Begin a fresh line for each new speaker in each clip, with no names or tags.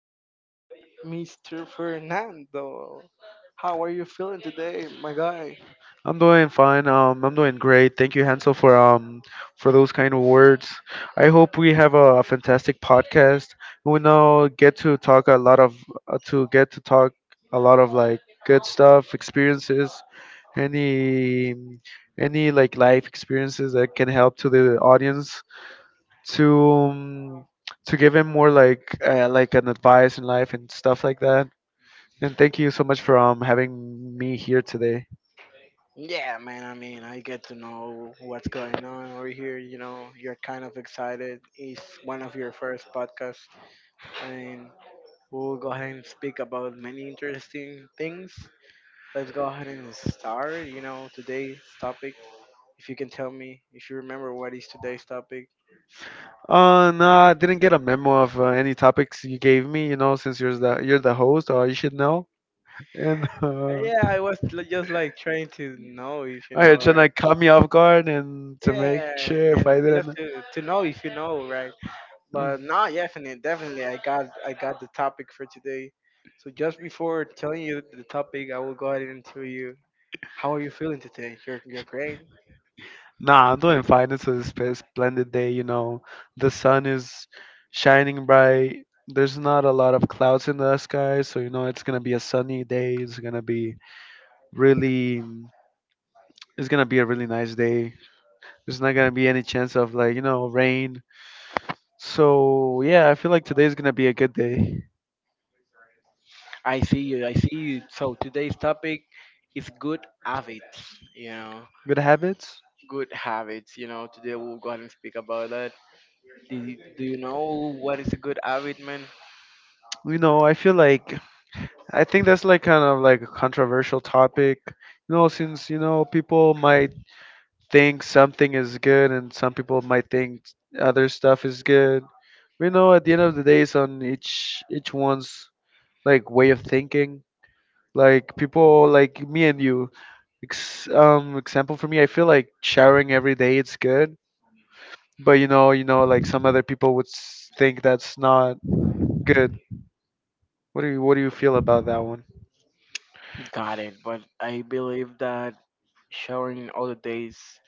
got Mr. Fernando. How are you feeling today, my guy?
I'm doing fine. I'm doing great. Thank you, Hansel, for those kind of words. I hope we have a fantastic podcast. We now get to talk a lot of, to get to talk a lot of like good stuff, experiences, any any like life experiences that can help to the audience to um, to give him more like like an advice in life and stuff like that. And thank you so much for having me here today.
Yeah, man, I get to know what's going on over here. You know, you're kind of excited. It's one of your first podcasts. I mean, we'll go ahead and speak about many interesting things. Let's go ahead and start. You know, today's topic, if you can tell me, if you remember what is today's topic.
No, I didn't get a memo of any topics you gave me. You know, since you're the host, or you should know. And
Just like trying to know if you know,
you're trying
right?
to cut me off guard and to make
Yeah,
sure if I
and just
didn't.
to to know if you know, right?
Mm.
But no, definitely, I got the topic for today. So just before telling you the topic, I will go ahead and tell you how are you feeling today. You're great.
Nah, I'm doing fine. It's a splendid day. You know, the sun is shining bright. There's not a lot of clouds in the sky, so you know it's gonna be a sunny day. It's gonna be really mm, it's gonna be a really nice day. There's not gonna be any chance of like, rain, so yeah, I feel like today's gonna be a good day.
I see you. I see you. So today's topic is good habits. You know,
Good habits.
good habits. You know, today we'll go ahead and speak about that. Do you know what is a good habit, man?
You know, I feel like I think that's like kind of like a controversial topic. You know, since you know, people might think something is good and some people might think other stuff is good. You know, at the end of the day, it's on each one's like way of thinking, like people like me and you. Example for me, I feel like showering every day it's good, but you know, like some other people would think that's not good. What do you feel about that one?
Got it. But I believe that showering all the days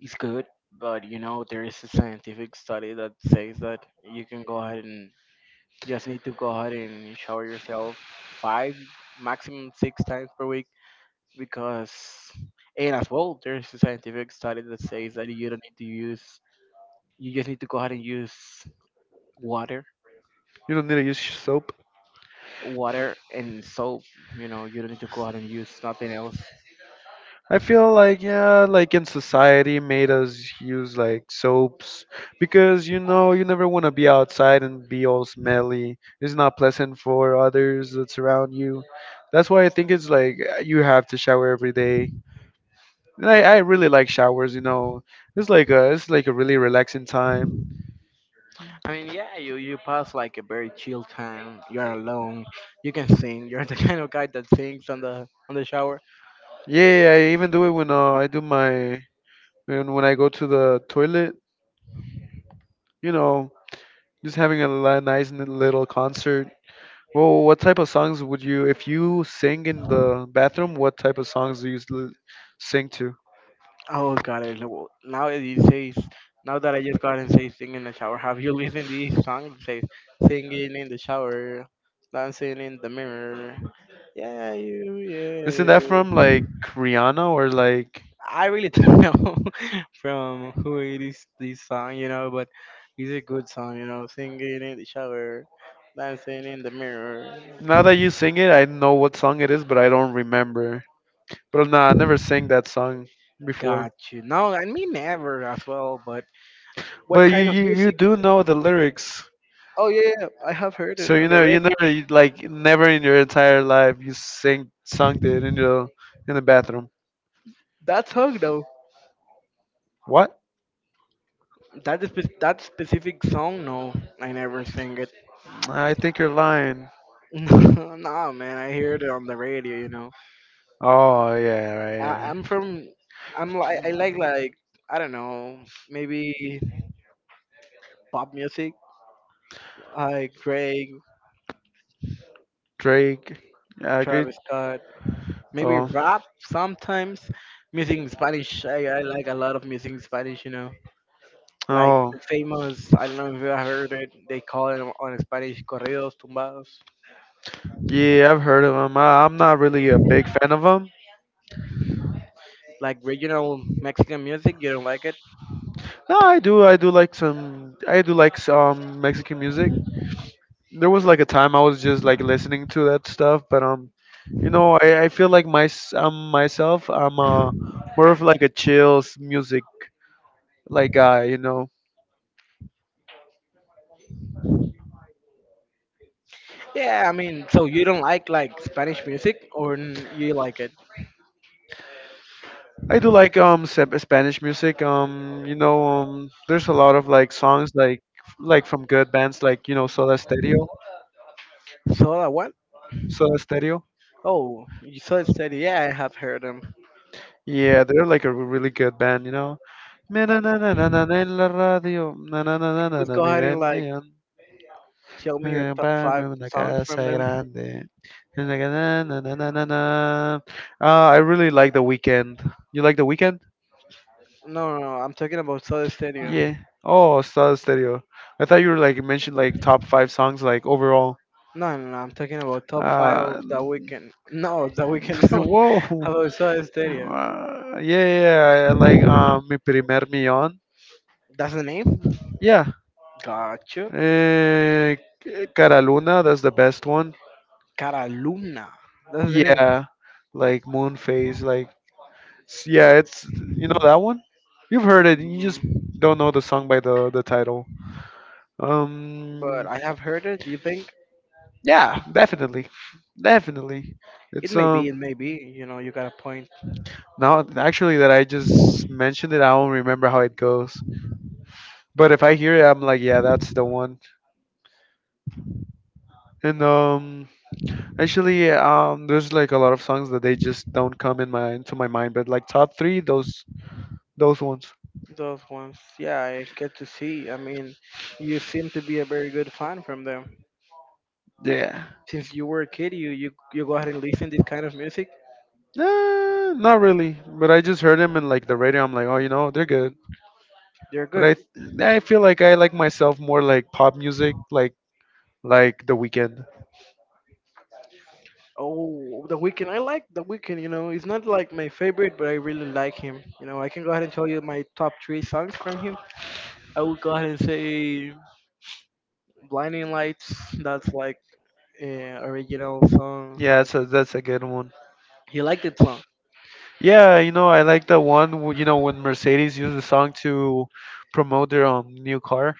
is good. But you know, there is a scientific study that says that you can go ahead and you just need to go ahead and shower yourself five, maximum six times per week because, and as well, there's a scientific study that says that you don't need to use, you just need to go ahead and use water,
You don't need to use soap.
water and soap. You know, you don't need to go ahead and use nothing else.
I feel like, yeah, like in society made us use like soaps, because you know, you never want to be outside and be all smelly. It's not pleasant for others that's around you. That's why I think it's like, you have to shower every day. And I really like showers. You know, it's like a really relaxing time.
Yeah, you pass like a very chill time. You're alone. You can sing. You're the kind of guy that sings on the shower.
Yeah, yeah, yeah, I even do it when I do my when I go to the toilet. You know, just having a nice little concert. Well, what type of songs would you, if you sing in the bathroom, what type of songs do you usually sing to?
Oh God, I know. Now that I just got and say sing in the shower. Have you listened to this song that says singing in the shower, dancing in the mirror? Yeah, you,
Isn't
yeah,
that
you.
from like Rihanna or like,
I really don't know from who it is this song, you know, but it's a good song, you know, singing in the shower, dancing in the mirror.
now that you sing it, I know what song it is, but I don't remember. But nah, I never sang that song before.
Got you. No, never as well. But what
But you,
kind of
you
music?
do know the lyrics.
Oh yeah, yeah, yeah. I have heard
So
it
you
on the
know,
radio.
you never you, like never in your entire life you sing sung it in the bathroom.
That song though.
What?
That specific song. No, I never sing it.
I think you're lying.
Nah, man, I hear it on the radio. You know,
Oh yeah, right.
I,
Yeah.
I'm from. I'm like I like I don't know maybe pop music like Drake,
Drake. I agree.
Travis Scott, maybe
Oh.
rap sometimes. Music in Spanish. I like a lot of music in Spanish. You know. Like
Oh.
the famous, I don't know if you have heard it, they call it on Spanish corridos tumbados.
Yeah, I've heard of him. I'm not really a big fan of him.
Like regional Mexican music, you don't like it?
No, I do. I do like some. I do like some Mexican music. There was like a time I was just like listening to that stuff, but you know, I feel like my myself. I'm more of like a chills music like guy. You know,
Yeah, I mean, so you don't like Spanish music or you like it?
I do like Spanish music. You know, there's a lot of like songs like from good bands like you know, Soda Stereo.
So I what?
Soda Stereo.
Oh, you so it said, yeah, I have heard them.
Yeah, they're like a really good band. You know. Na na na na na na na en la radio. Na na na na
Okay,
na
please
na
go
mi
ahead and
ven
like
bien.
show me your top five
Comprarme una
songs from
casa
them.
grande. Na na na na na na na na. I really like The Weekend. You like The Weekend?
No, no, no, I'm talking about Soda Stereo.
Yeah. Oh, Soda Stereo. I thought you were like mentioned like top five songs like overall.
No, no, no, I'm talking about top five of
Uh,
the weekend. No, the weekend. No,
whoa.
about Soda Stereo.
Yeah, yeah, yeah, like Mi Primer Millón.
That's the name?
Yeah.
Gotcha.
Uh, Cara Luna, that's the best one.
Caraluna. That's the name.
Yeah. Like Moon Phase, like, yeah, it's, you know that one? You've heard it, you just
Mm,
don't know the song by the title.
but
Um
I have heard it. You think
yeah, definitely. Definitely.
it
It's
may be? It may be. You know, you got a point.
now actually that I just mentioned it, I don't remember how it goes. But if I hear it, I'm like, yeah, that's the one. And actually, there's like a lot of songs that they just don't come in my into my mind. But like top three, those ones.
Those ones. Yeah, I get to see. You seem to be a very good fan from them.
Yeah.
Since you were a kid, you go ahead and listen this kind of music.
Nah, not really. But I just heard them in like the radio. I'm like, oh, you know, they're good.
They're
But
good.
I feel like I like myself more like pop music, like The Weeknd.
Oh, The Weeknd. I like The Weeknd. You know, it's not like my favorite, but I really like him. You know, I can go ahead and tell you my top three songs from him. I would go ahead and say "Blinding Lights." That's like original song.
Yeah,
Like
so that's a good one.
he liked the song.
Yeah, you know, I like the one, you know, when Mercedes used the song to promote their new car.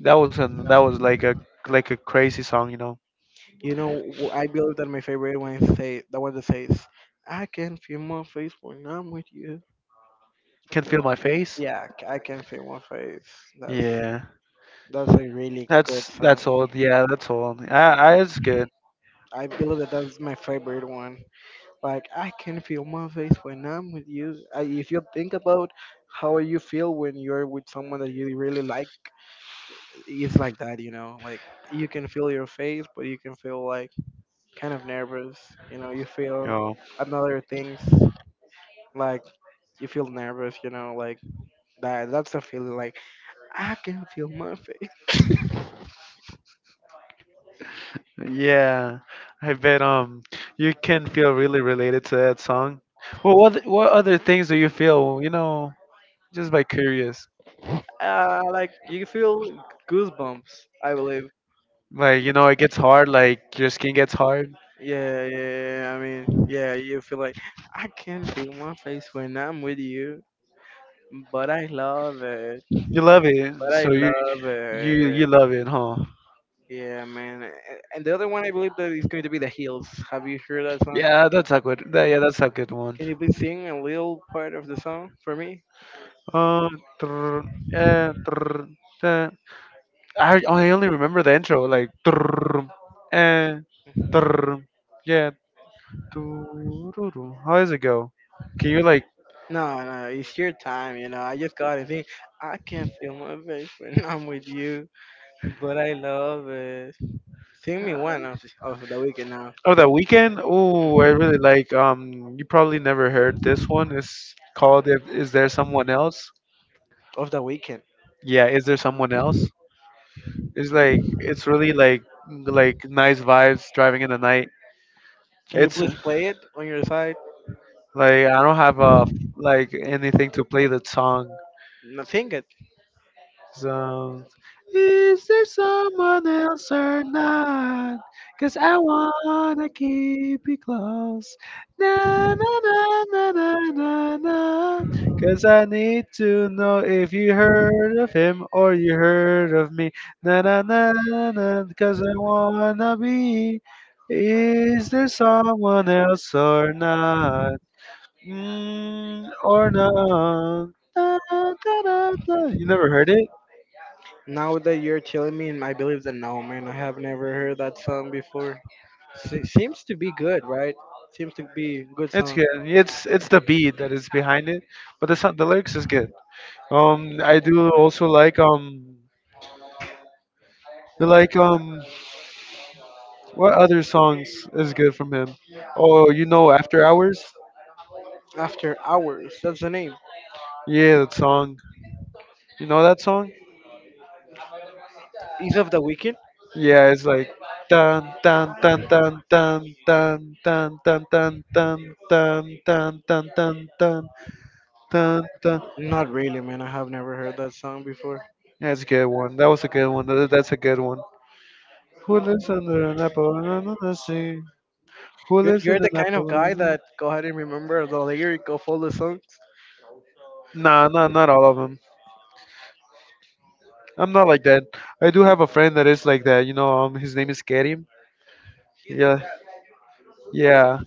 That was an, that was like a crazy song, you know.
You know, I believe that my favorite one is say that was the face. I can feel my face when I'm with you.
Can feel my face.
I can feel my face.
Yeah,
That's a really good
that's
song.
that's old. Yeah, that's old. I it's good.
I believe that that's my favorite one. Like I can feel my face when I'm with you. If you think about how you feel when you're with someone that you really like, it's like that. You know, like you can feel your face, but you can feel like kind of nervous. You know, you feel
Oh,
another things like you feel nervous. You know, like that. That's a feeling like I can feel my face.
yeah. I bet you can feel really related to that song. Well, what other things do you feel? You know, just by curious.
Like you feel goosebumps. I believe.
Like, you know, it gets hard. Like your skin gets hard.
Yeah, you feel like I can feel my face when I'm with you, but I love it.
You love it,
But I
so you
love it.
love it, huh?
Yeah, man. And the other one I believe that is going to be the heels. Have you heard that song?
Yeah, that's a good. That, yeah, that's a good one.
Can you please sing a little part of the song for me?
Trrr, yeah, trrr, I only remember the intro, like "Trrrrum, and
No,
trrrrum." Yeah. "Tururu." How does it go? Can you like?
no, it's your time, you know. I just got to sing. I can feel my face when I'm with you, but I love it. Sing me one of the weekend now.
Oh, that weekend. Oh, I really
Mhm.
like. You probably never heard this one. It's called Is There Someone Else?"
Of the weekend.
Yeah, is there someone else? It's like it's really like nice vibes driving in the night.
Can you
It's
please play it on your side?
like I don't have a like anything to play the
No, sing it.
songs. Is there someone else or not? Cause I wanna keep you close. Na na na na na na na. Cause I need to know if you heard of him or you heard of me. Na na na na na. Cause I wanna be. Is there someone else or not? Mm, or not? Da, da, da, da. You never heard it?
Now that you're telling me, I believe that no, man, I have never heard that song before. Seems to be good, right? Seems to be good
It's
song.
good. It's the beat that is behind it, but the song, the lyrics is good. I do also like what other songs is good from him? Oh, you know, After Hours.
After Hours, that's the name.
Yeah, that song. You know that song?
Is of the Weekend?
Yeah, it's like dun dun dun dun dun dun dun dun dun dun dun dun dun dun dun dun dun.
Not really, man. I have never heard that song before.
That's a good one. That was a good one. That's a good one. Who lives under an apple? And under the sea? Who lives in
You're the
an
kind of guy
Appalachian?
that go ahead and remember the lyric of all the songs.
Nah, nah, not all of them. I'm not like that. I do have a friend that is like that. You know, his name is Kerim. Yeah, yeah.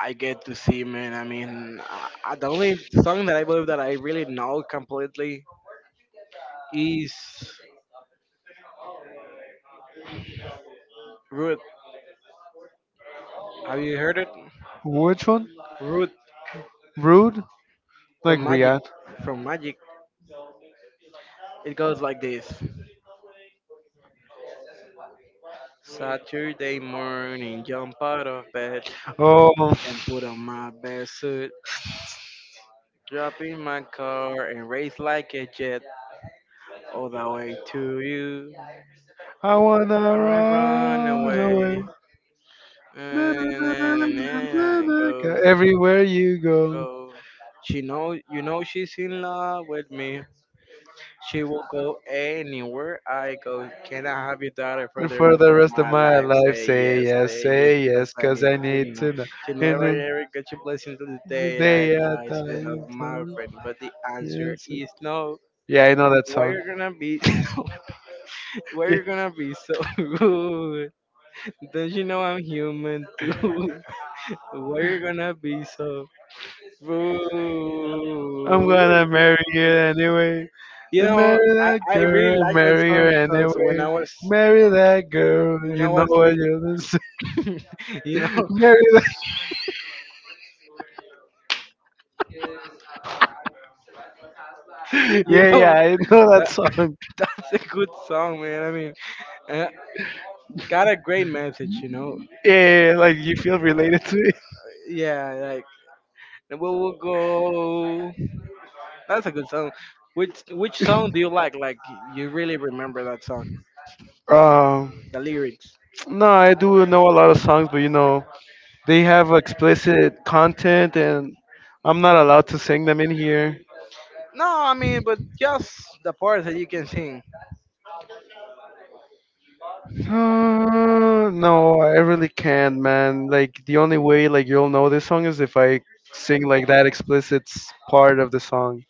I get to see, man. The only song that I believe that I really know completely is Root. Have you heard it?
Which one?
Root
Rude? Like
from Magic.
Riyadh.
From Magic. It goes like this. Saturday morning, jump out of bed
Oh,
and put on my best suit, drop in my car and race like a jet all the way to you.
I wanna
I wanna run
run
away
away. Na, na, na, na,
and
na, na,
and
na, go.
go
Everywhere you go.
go. She know you know she's in love with me. She will go anywhere I go. Can I have your daughter for the
For
rest
the
of
rest of
my
my
life?
life,
Say yes,
say
because
yes,
I
cause
need
I
to
need
know.
to know.
She
And
never
the
ever got your blessing till the day
day
I
I
die. She's
die, you
not
tell
my
me
friend, but the answer
yes.
is no.
Yeah, I know that
Why
song.
you gonna be? Why you gonna be so rude? Don't you know I'm human too? Why you gonna be so rude?
I'm gonna marry you anyway.
You know,
Marry that
I
girl,
really like that
marry her
song because
anyway. Marry that girl,
when
you
I
know
was
what you're gonna say.
li- you know,
Marry that.
you
Yeah, yeah,
know,
I know that
that,
song.
that's a good song, man. Uh, got a great message, you know.
Yeah, yeah, yeah, like you feel related to it.
Yeah, like we will go. That's a good song. Which song do you like? Like you really remember that song,
Um,
the lyrics?
no, I do know a lot of songs, but you know, they have explicit content and I'm not allowed to sing them in here.
No, I mean, but just the parts that you can sing.
No, I really can't, man. Like the only way like you'll know this song is if I sing like that explicit part of the song.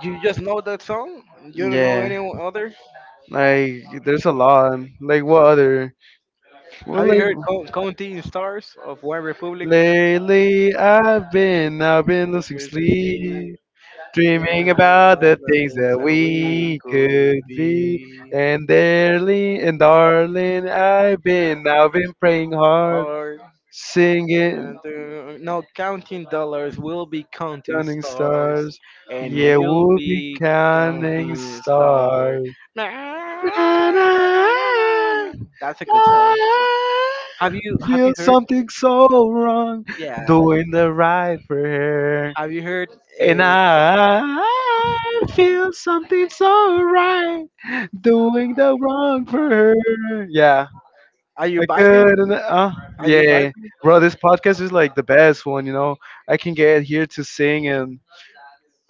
You just know that song. You don't know
Yeah,
any other.
like there's a lot. Like what other?
Have
Well,
you heard
like
"Counting Stars" of One Republic?
lately I've been losing sleep, dreaming
And
about the
other
things
things
that
that we
we
could
could be.
be
And darling, I've been praying hard,
part
singing
and no counting dollars, we'll be counting
counting
stars,
stars.
and
Yeah,
we'll
we'll be
be
counting
counting stars.
stars.
That's
And I,
a good song.
I
Have
feel
you heard
something so wrong
yeah
doing the right for her.
have you heard
And
uh,
I feel something so right doing the wrong for her. Yeah,
are you
I
vibing?
could. And,
are you
yeah,
vibing
bro, this podcast is like the best one, you know. I can get here to sing and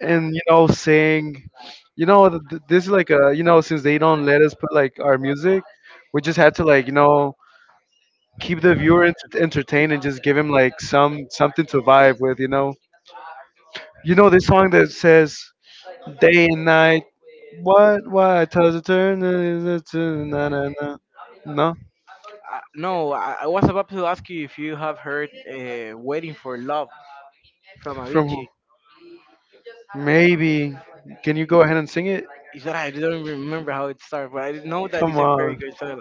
you know, saying, you know, this is like a, you know, since they don't let us put like our music, we just had to like, you know, keep the viewer entertained and just give him like something to vibe with, you know. You know this song that says day and night, what, why does it turn, is it na na na, no,
No, I was about to ask you if you have heard waiting for love from
from who,
Avicii.
maybe, can you go ahead and sing it,
He said I don't even remember how it started, but I didn't know that
come
it's a very
on,
good song.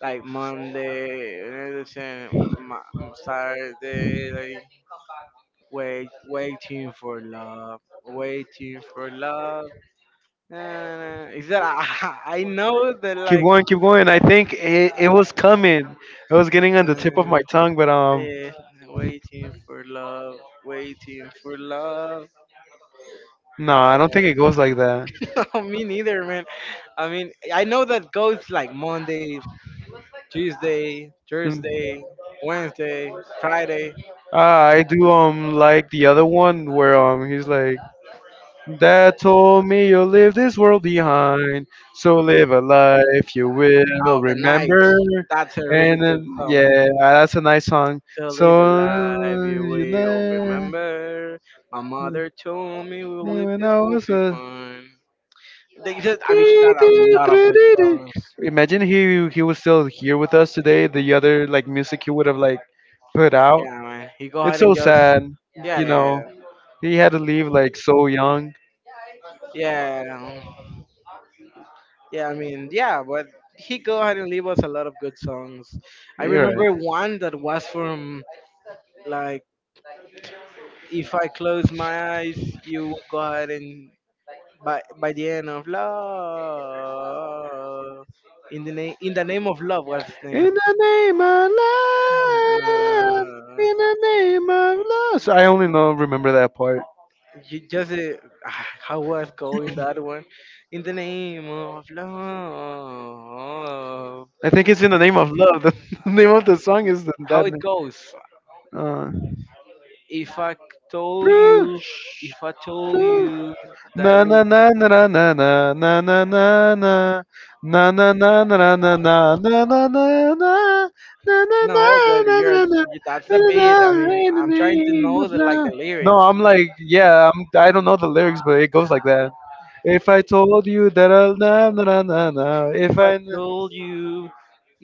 Like Monday, Wednesday, Saturday, like waiting for love, waiting for love. Na, na. Is that I know that
keep
like
going, I think it was coming, it was getting on the tip of
uh,
my tongue, but
eh, waiting for love, waiting for love. Uh,
Nah, I don't think it goes like that.
no, me neither, man. I mean, I know that goes like Monday, Tuesday,
Mm.
Thursday, Wednesday, Friday.
Ah, I do like the other one where he's like, dad told me you'll leave this world behind, so live a life you will
Out the night.
remember.
That's a really
And
good
then,
song.
yeah, ah, that's a nice song.
So
So
live a life you
you
will
know,
remember. My mother told me we'll
me
live
when
this
I
will
was
be
a
fun. They just, I mean, she
dee,
got a
dee,
lot of
doo,
good
dee, dee.
songs.
Imagine he was still here with us today, the other like music he would have like put out.
Yeah, man. You go
It's
ahead
so
and just,
sad,
yeah,
you
yeah,
know. He had to leave like so young.
yeah, yeah. Yeah, I mean, yeah, but he go ahead and leave us a lot of good songs. I
You're right.
remember one that was from like if I close my eyes, you will go ahead and by the end of love, in the name of love, what's his
In
name?
the name of love.
Uh,
In the name of love. So I only know remember that part.
ju- just How was going that one? In the name of love,
I think it's in the name of love. The name of the song is
how
that.
it
Name.
goes?
Uh,
If I told you,
Bruce,
if I told
Bruce.
you that we no, but you're that's the beat. I mean, I'm trying to know the like the lyrics. I told you,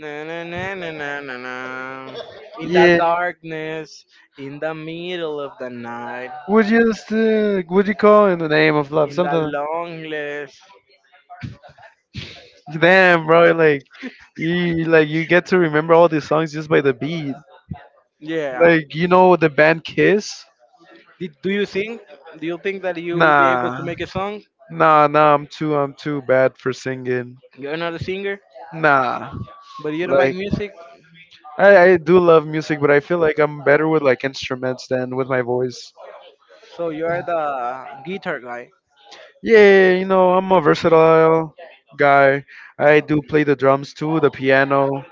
na na na na na na na. In the darkness, in the middle of the night, in the longness. Yeah.
Like you know the band Kiss?
Do you sing? Do you think that you will be able to
Nah,
make a song?
nah, nah. I'm too bad for singing.
You're not a singer,
Nah,
but you don't like
like
music,
I do love music, but I feel like I'm better with like instruments than with my voice.
so you're the guitar guy.
Yeah, you know I'm a versatile guy. I do play the drums too, the piano.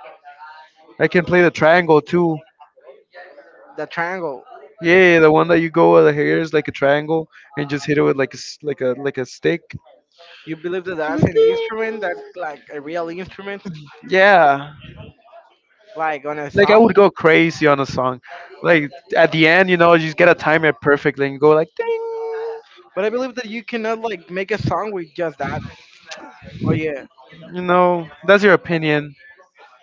I can play the triangle too.
The triangle.
Yeah, the one that you go with the hair is like a triangle and just hit it with like a like a like a stick.
You believe that that's an instrument? That's like a real instrument?
Yeah,
Like on a
like I would
song,
go crazy on a song. Like at the end, you know, you just gotta time it perfectly and go like ding.
but I believe that you cannot like make a song with just that. Oh yeah.
You know, that's your opinion.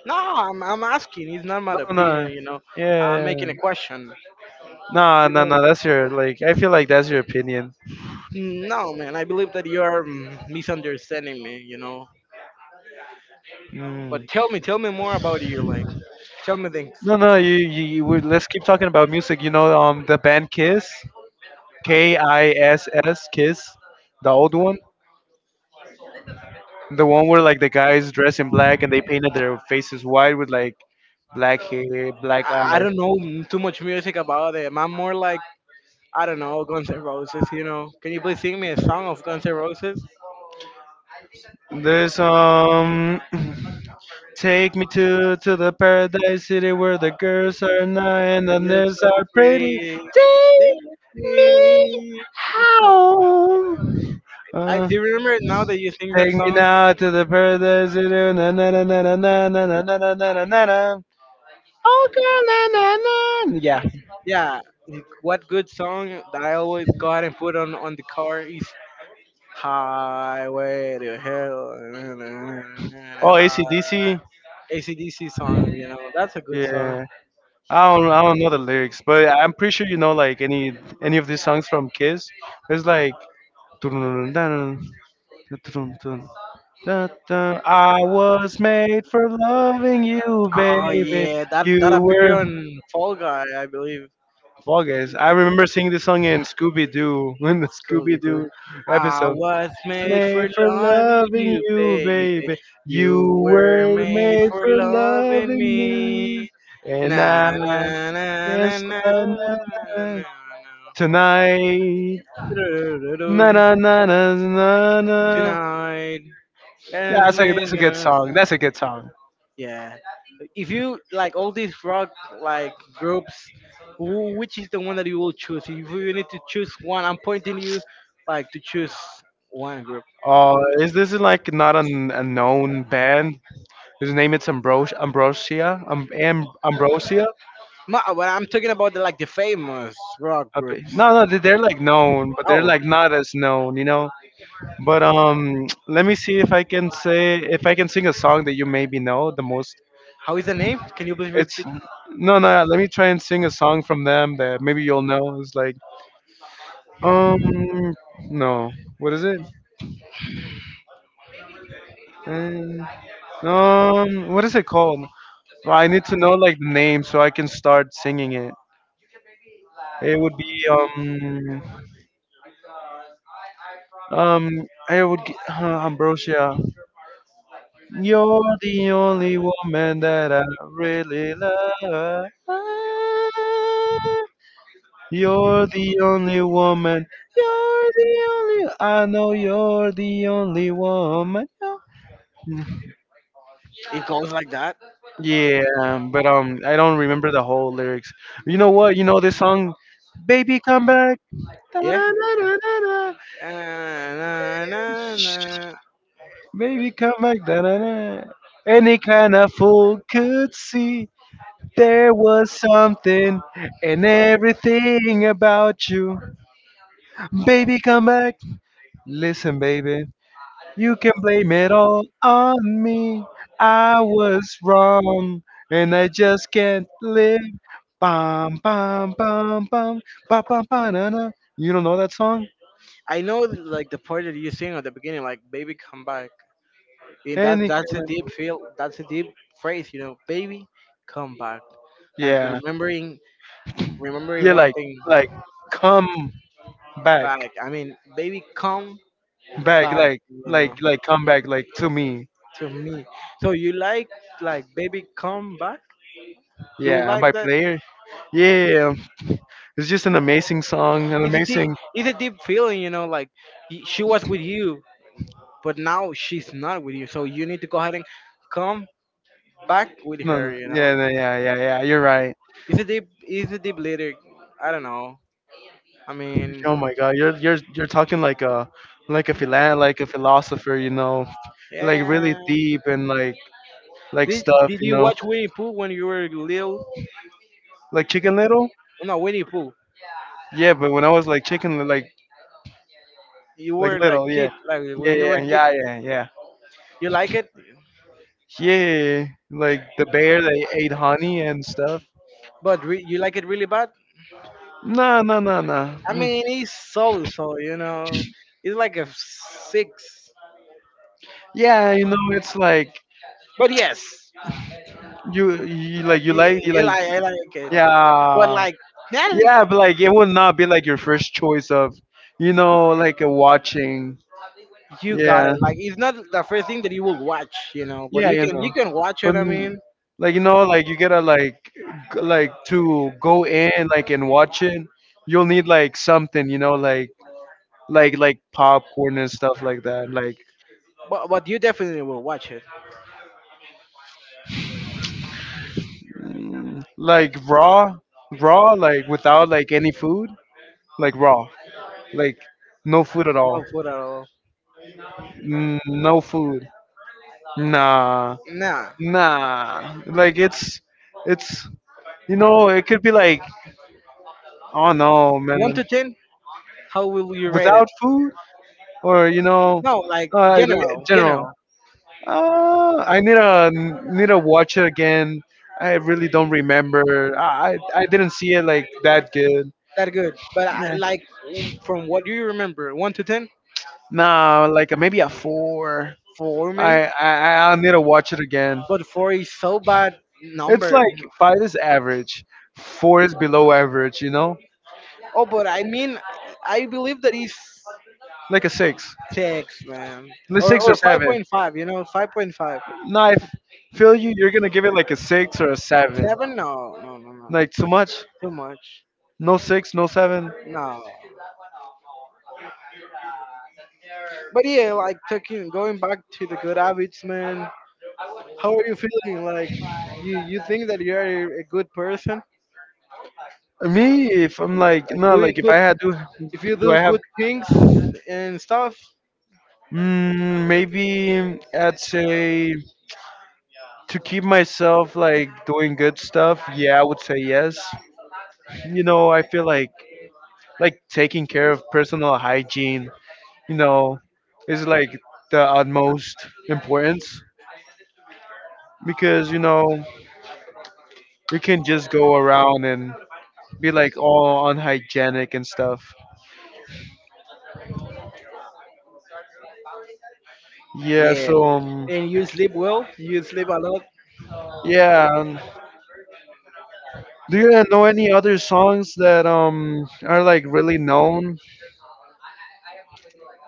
No, I'm asking. It's not my
No, no,
opinion, you know. I'm
yeah,
making a question.
no,
You
no,
know,
no. That's your like. I feel like that's your opinion.
no, man. I believe that you are misunderstanding me. You know, but
Mm.
tell me more about you. Like, tell me things.
No, no. You would. Let's keep talking about music. You know, the band Kiss, K I S S, Kiss, the old one, the one where like the guys dress in black and they painted their faces white with like black hair,
Like,
black
I
eyes.
don't know too much music about them. I'm more like I don't know Guns N' Roses. You know, can you please sing me a song of Guns N' Roses?
There's. Take me to the paradise city where the girls are nice and the
It looks
nerds
so
are pretty.
pretty.
Take me home.
I
Uh,
do remember now that you sing that
take me
song.
now to the paradise city. Na na na na na na na na na na na na na na. Oh girl, na na na. Yeah.
Yeah, what good song that I always go ahead and put on the car is Highway to Hell.
Oh, ACDC.
ACDC song, you know, that's a good song.
Yeah. I don't know the lyrics, but I'm pretty sure you know like any of these songs from Kiss. It's like. Da, da, I was made for loving you,
Oh
baby.
yeah, that
You were.
appeared on Fall Guy, I believe.
Fall Guys. I remember singing this song in Scooby Doo, in the
Scooby
Scooby
Doo.
Doo
I
episode.
was
It's
made for
made for
loving
loving
you,
you,
baby.
baby. You
You were
were
made
made
for
for
loving
loving me.
me.
And
Na
now
na
I
na
can't
na
stop
na
na, na,
na
na,
na na.
tonight. Na
Do-do-do-do.
na na na na na.
Tonight.
Yeah,
And
that's
made
a good song. That's a good song.
yeah. If you like all these rock like groups, which is the one that you will choose? If you need to choose one, I'm pointing you like to choose one group.
Uh, is this like not an, a known band? His name it's Ambrosia. Ambrosia.
Ma, but I'm talking about like the famous rock groups.
No, no, they're like known, but they're
Oh,
like not as known, you know. But let me see if I can sing a song that you maybe know the most.
how is the name? Can you please
It's
repeat?
no, no. Let me try and sing a song from them that maybe you'll know. It's like um, no, what is it? Um, what is it called? Well, I need to know like the name so I can start singing it. It would be um I would g Ambrosia. You're the only woman that I really love. You're the only woman. You're the only. I know you're the only woman. You're-
It goes like that.
Yeah, but I don't remember the whole lyrics. You know what? You know this song, "Baby Come Back."
Yeah.
Da-da-da-da-da-da.
Na, na, na.
Baby, come back. Da-na-na. Any kind of fool could see there was something in everything about you. Baby, come back. Listen, baby, you can blame it all on me. I was wrong, and I just can't live. Bum, bum, bum, bum, bum, bum, bum, na, na. You don't know that song?
I know like the part that you sing at the beginning, like "Baby, come back." And
Any
that's
kind
a
of.
deep feel. That's a deep phrase, you know. "Baby, come back." Like
Yeah.
remembering
You're
one thing.
like, come back.
Back, I mean, baby, come
Back
back, you know,
like come back like to me.
to me. So you like baby, come back. You will
Yeah, by
like that.
Player. Yeah, it's just an amazing song, an
It's a deep,
amazing
it's a deep feeling, you know. Like she was with you, but now she's not with you. So you need to go ahead and come back with
no,
her,
no,
you yeah,
yeah no,
know.
yeah yeah yeah you're right.
It's a deep lyric. I don't know. I mean,
Oh my god, you're talking like a like a philosopher, you know, like really
yeah.
deep and
Like,
like stuff,
Did
you
you
know,
watch Winnie Pooh when you were little?
like Chicken Little.
No, Winnie Pooh.
Yeah, but when I was like
You
like
were like
little. Yeah
kid, like
yeah
when you were
yeah
a kid,
yeah yeah yeah
you like it,
yeah, like the bear that ate honey and stuff.
but you like it really bad.
No, no, no, no.
I
Mm.
mean, it's so so, you know, it's like a six.
Yeah, you know, it's like
But yes, you,
you
you
like
like I like it, but
yeah,
like yeah,
yeah, but like it would not be like your first choice of, you know, like a watching.
you got it.
Yeah,
Like it's not the first thing that you will watch, you know, but
yeah, you know,
you can watch
but
it. I mean,
like you know, like you gotta like like to go in like and watch it. You'll need like something, you know, like popcorn and stuff like that,
but you definitely will watch it.
like raw, raw, like without like any food, like raw, like no food at all.
No food at all.
No food. Nah,
Nah,
nah. Like it's. You know, it could be like, oh no,
one
man,
to ten. How will you rate it?
without food, or you know,
No, like
like,
general,
general.
general.
I need to watch it again. I really don't remember. I didn't see it like that good.
That good. But I,
Yeah.
like from what you remember, one to ten,
Nah, like maybe a four.
four man.
I'll need to watch it again.
But four is so bad
It's
number.
like five is average, four is below average. You know.
Oh, but I mean, I believe that is
Like a six,
six, man,
like
or
six or
five
seven.
point five. You know, 5.5.
Nah, if feel you, you're gonna give it like a six or a seven.
Seven? No, no, no, no.
Like too much,
Too much.
no six, no seven.
No. But yeah, like talking, going back to the good habits, man. How are you feeling? Like you think that you are a good person,
Me, if I'm like
like
no,
doing
like if
good.
I had to,
If you
do
do
I have?
good things and stuff,
Mm, maybe I'd say to keep myself like doing good stuff. Yeah, I would say yes. You know, I feel like taking care of personal hygiene. You know, is like the utmost importance because you know we can just go around and be like all unhygienic and stuff. Yeah, so
and you sleep well, you sleep a lot.
yeah, do you know any other songs that are like really known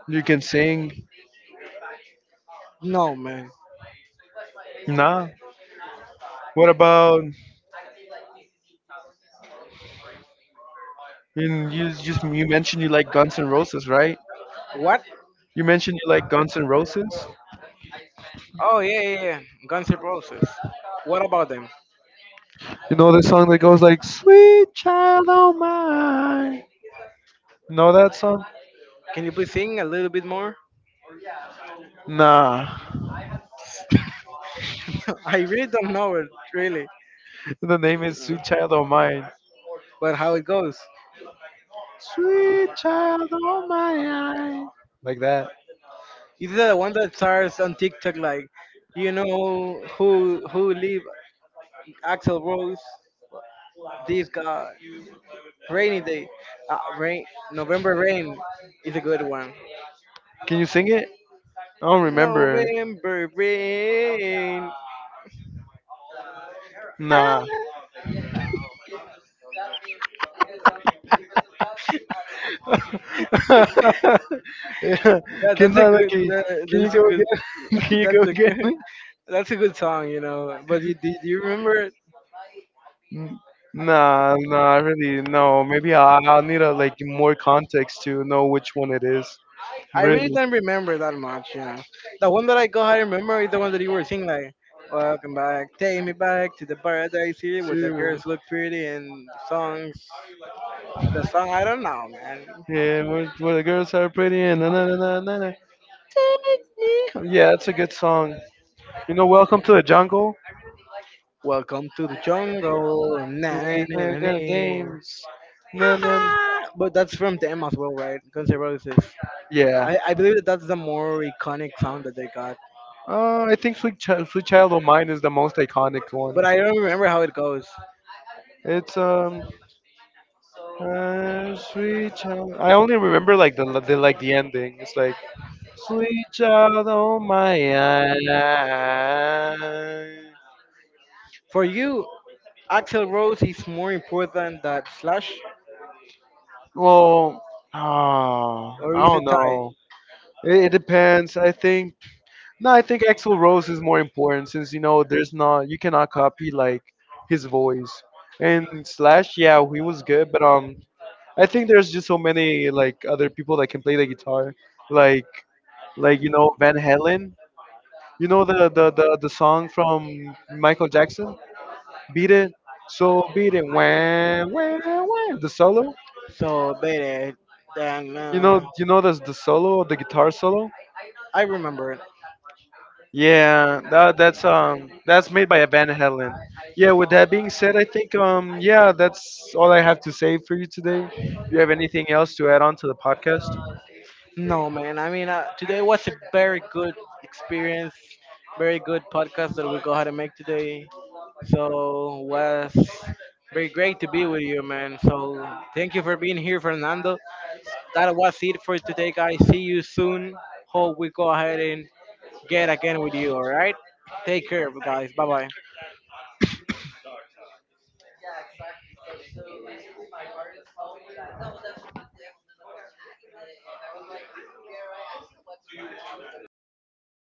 you can sing?
No, man.
Nah. What about and you just you mentioned you like Guns N' Roses, right?
What?
You mentioned you like Guns N' Roses?
Oh yeah, yeah, yeah. Guns N' Roses. What about them?
You know the song that goes like Sweet Child O' Mine. Know that song?
Can you please sing a little bit more?
Nah.
I really don't know it really,
The name is Sweet Child O' Mine.
but how it goes.
Sweet child of my eye. Like that.
Is the one that starts on TikTok like, you know who leave Axel Rose? This guy. Rainy day. Rain. November rain is a good one.
Can you sing it? I don't remember.
November rain.
Nah. Yeah.
That,
can,
that's a
no, no,
good. That,
can you
that's a
go
good.
again? Can you go
That's a good.
again?
That's a good song, you know. But you, do you remember it?
N- Nah, nah, really no. Maybe I'll need a like more context to know which one it is.
I really
Really.
don't remember that much, you know. The one that I go, I remember is the one that you were singing, like, "Welcome back, take me back to the paradise here,
See,
where the
wh-
girls look pretty and songs." The song, I don't know, man.
Yeah, where the girls are pretty and na na na na na na. Yeah, that's a good song. You know, Welcome to the Jungle.
Welcome to the jungle. Na,
We
na, na,
have
na,
got
na.
games. Na na.
But that's from them as well, right? Guns N' Roses.
Yeah.
I believe that that's the more iconic sound that they got.
I think Sweet Child O' Mine is the most iconic one.
But I don't remember how it goes.
It's Sweet Child. I only remember like the like the ending. It's like Sweet Child O' Mine.
For you, Axel Rose is more important than Slash,
Well, oh,
or
I
is
don't
it tie?
know. It depends. I think no. I think Axl Rose is more important since you know there's not you cannot copy like his voice. And Slash, yeah, he was good, but I think there's just so many like other people that can play the guitar, like like you know Van Halen. You know the song from Michael Jackson, "Beat It." So beat it, wham, wham, wham. The solo.
So better than.
You know the solo, the guitar solo.
I remember it.
Yeah, that that's made by Van Halen. Yeah. With that being said, I think yeah that's all I have to say for you today. Do you have anything else to add on to the podcast?
No, man. I mean, today was a very good experience, very good podcast that we go ahead and make today. So was very great to be with you, man. So thank you for being here, Fernando. That was it for today, guys. See you soon. Hope we go ahead and get again with you. All right. Take care, guys. Bye bye.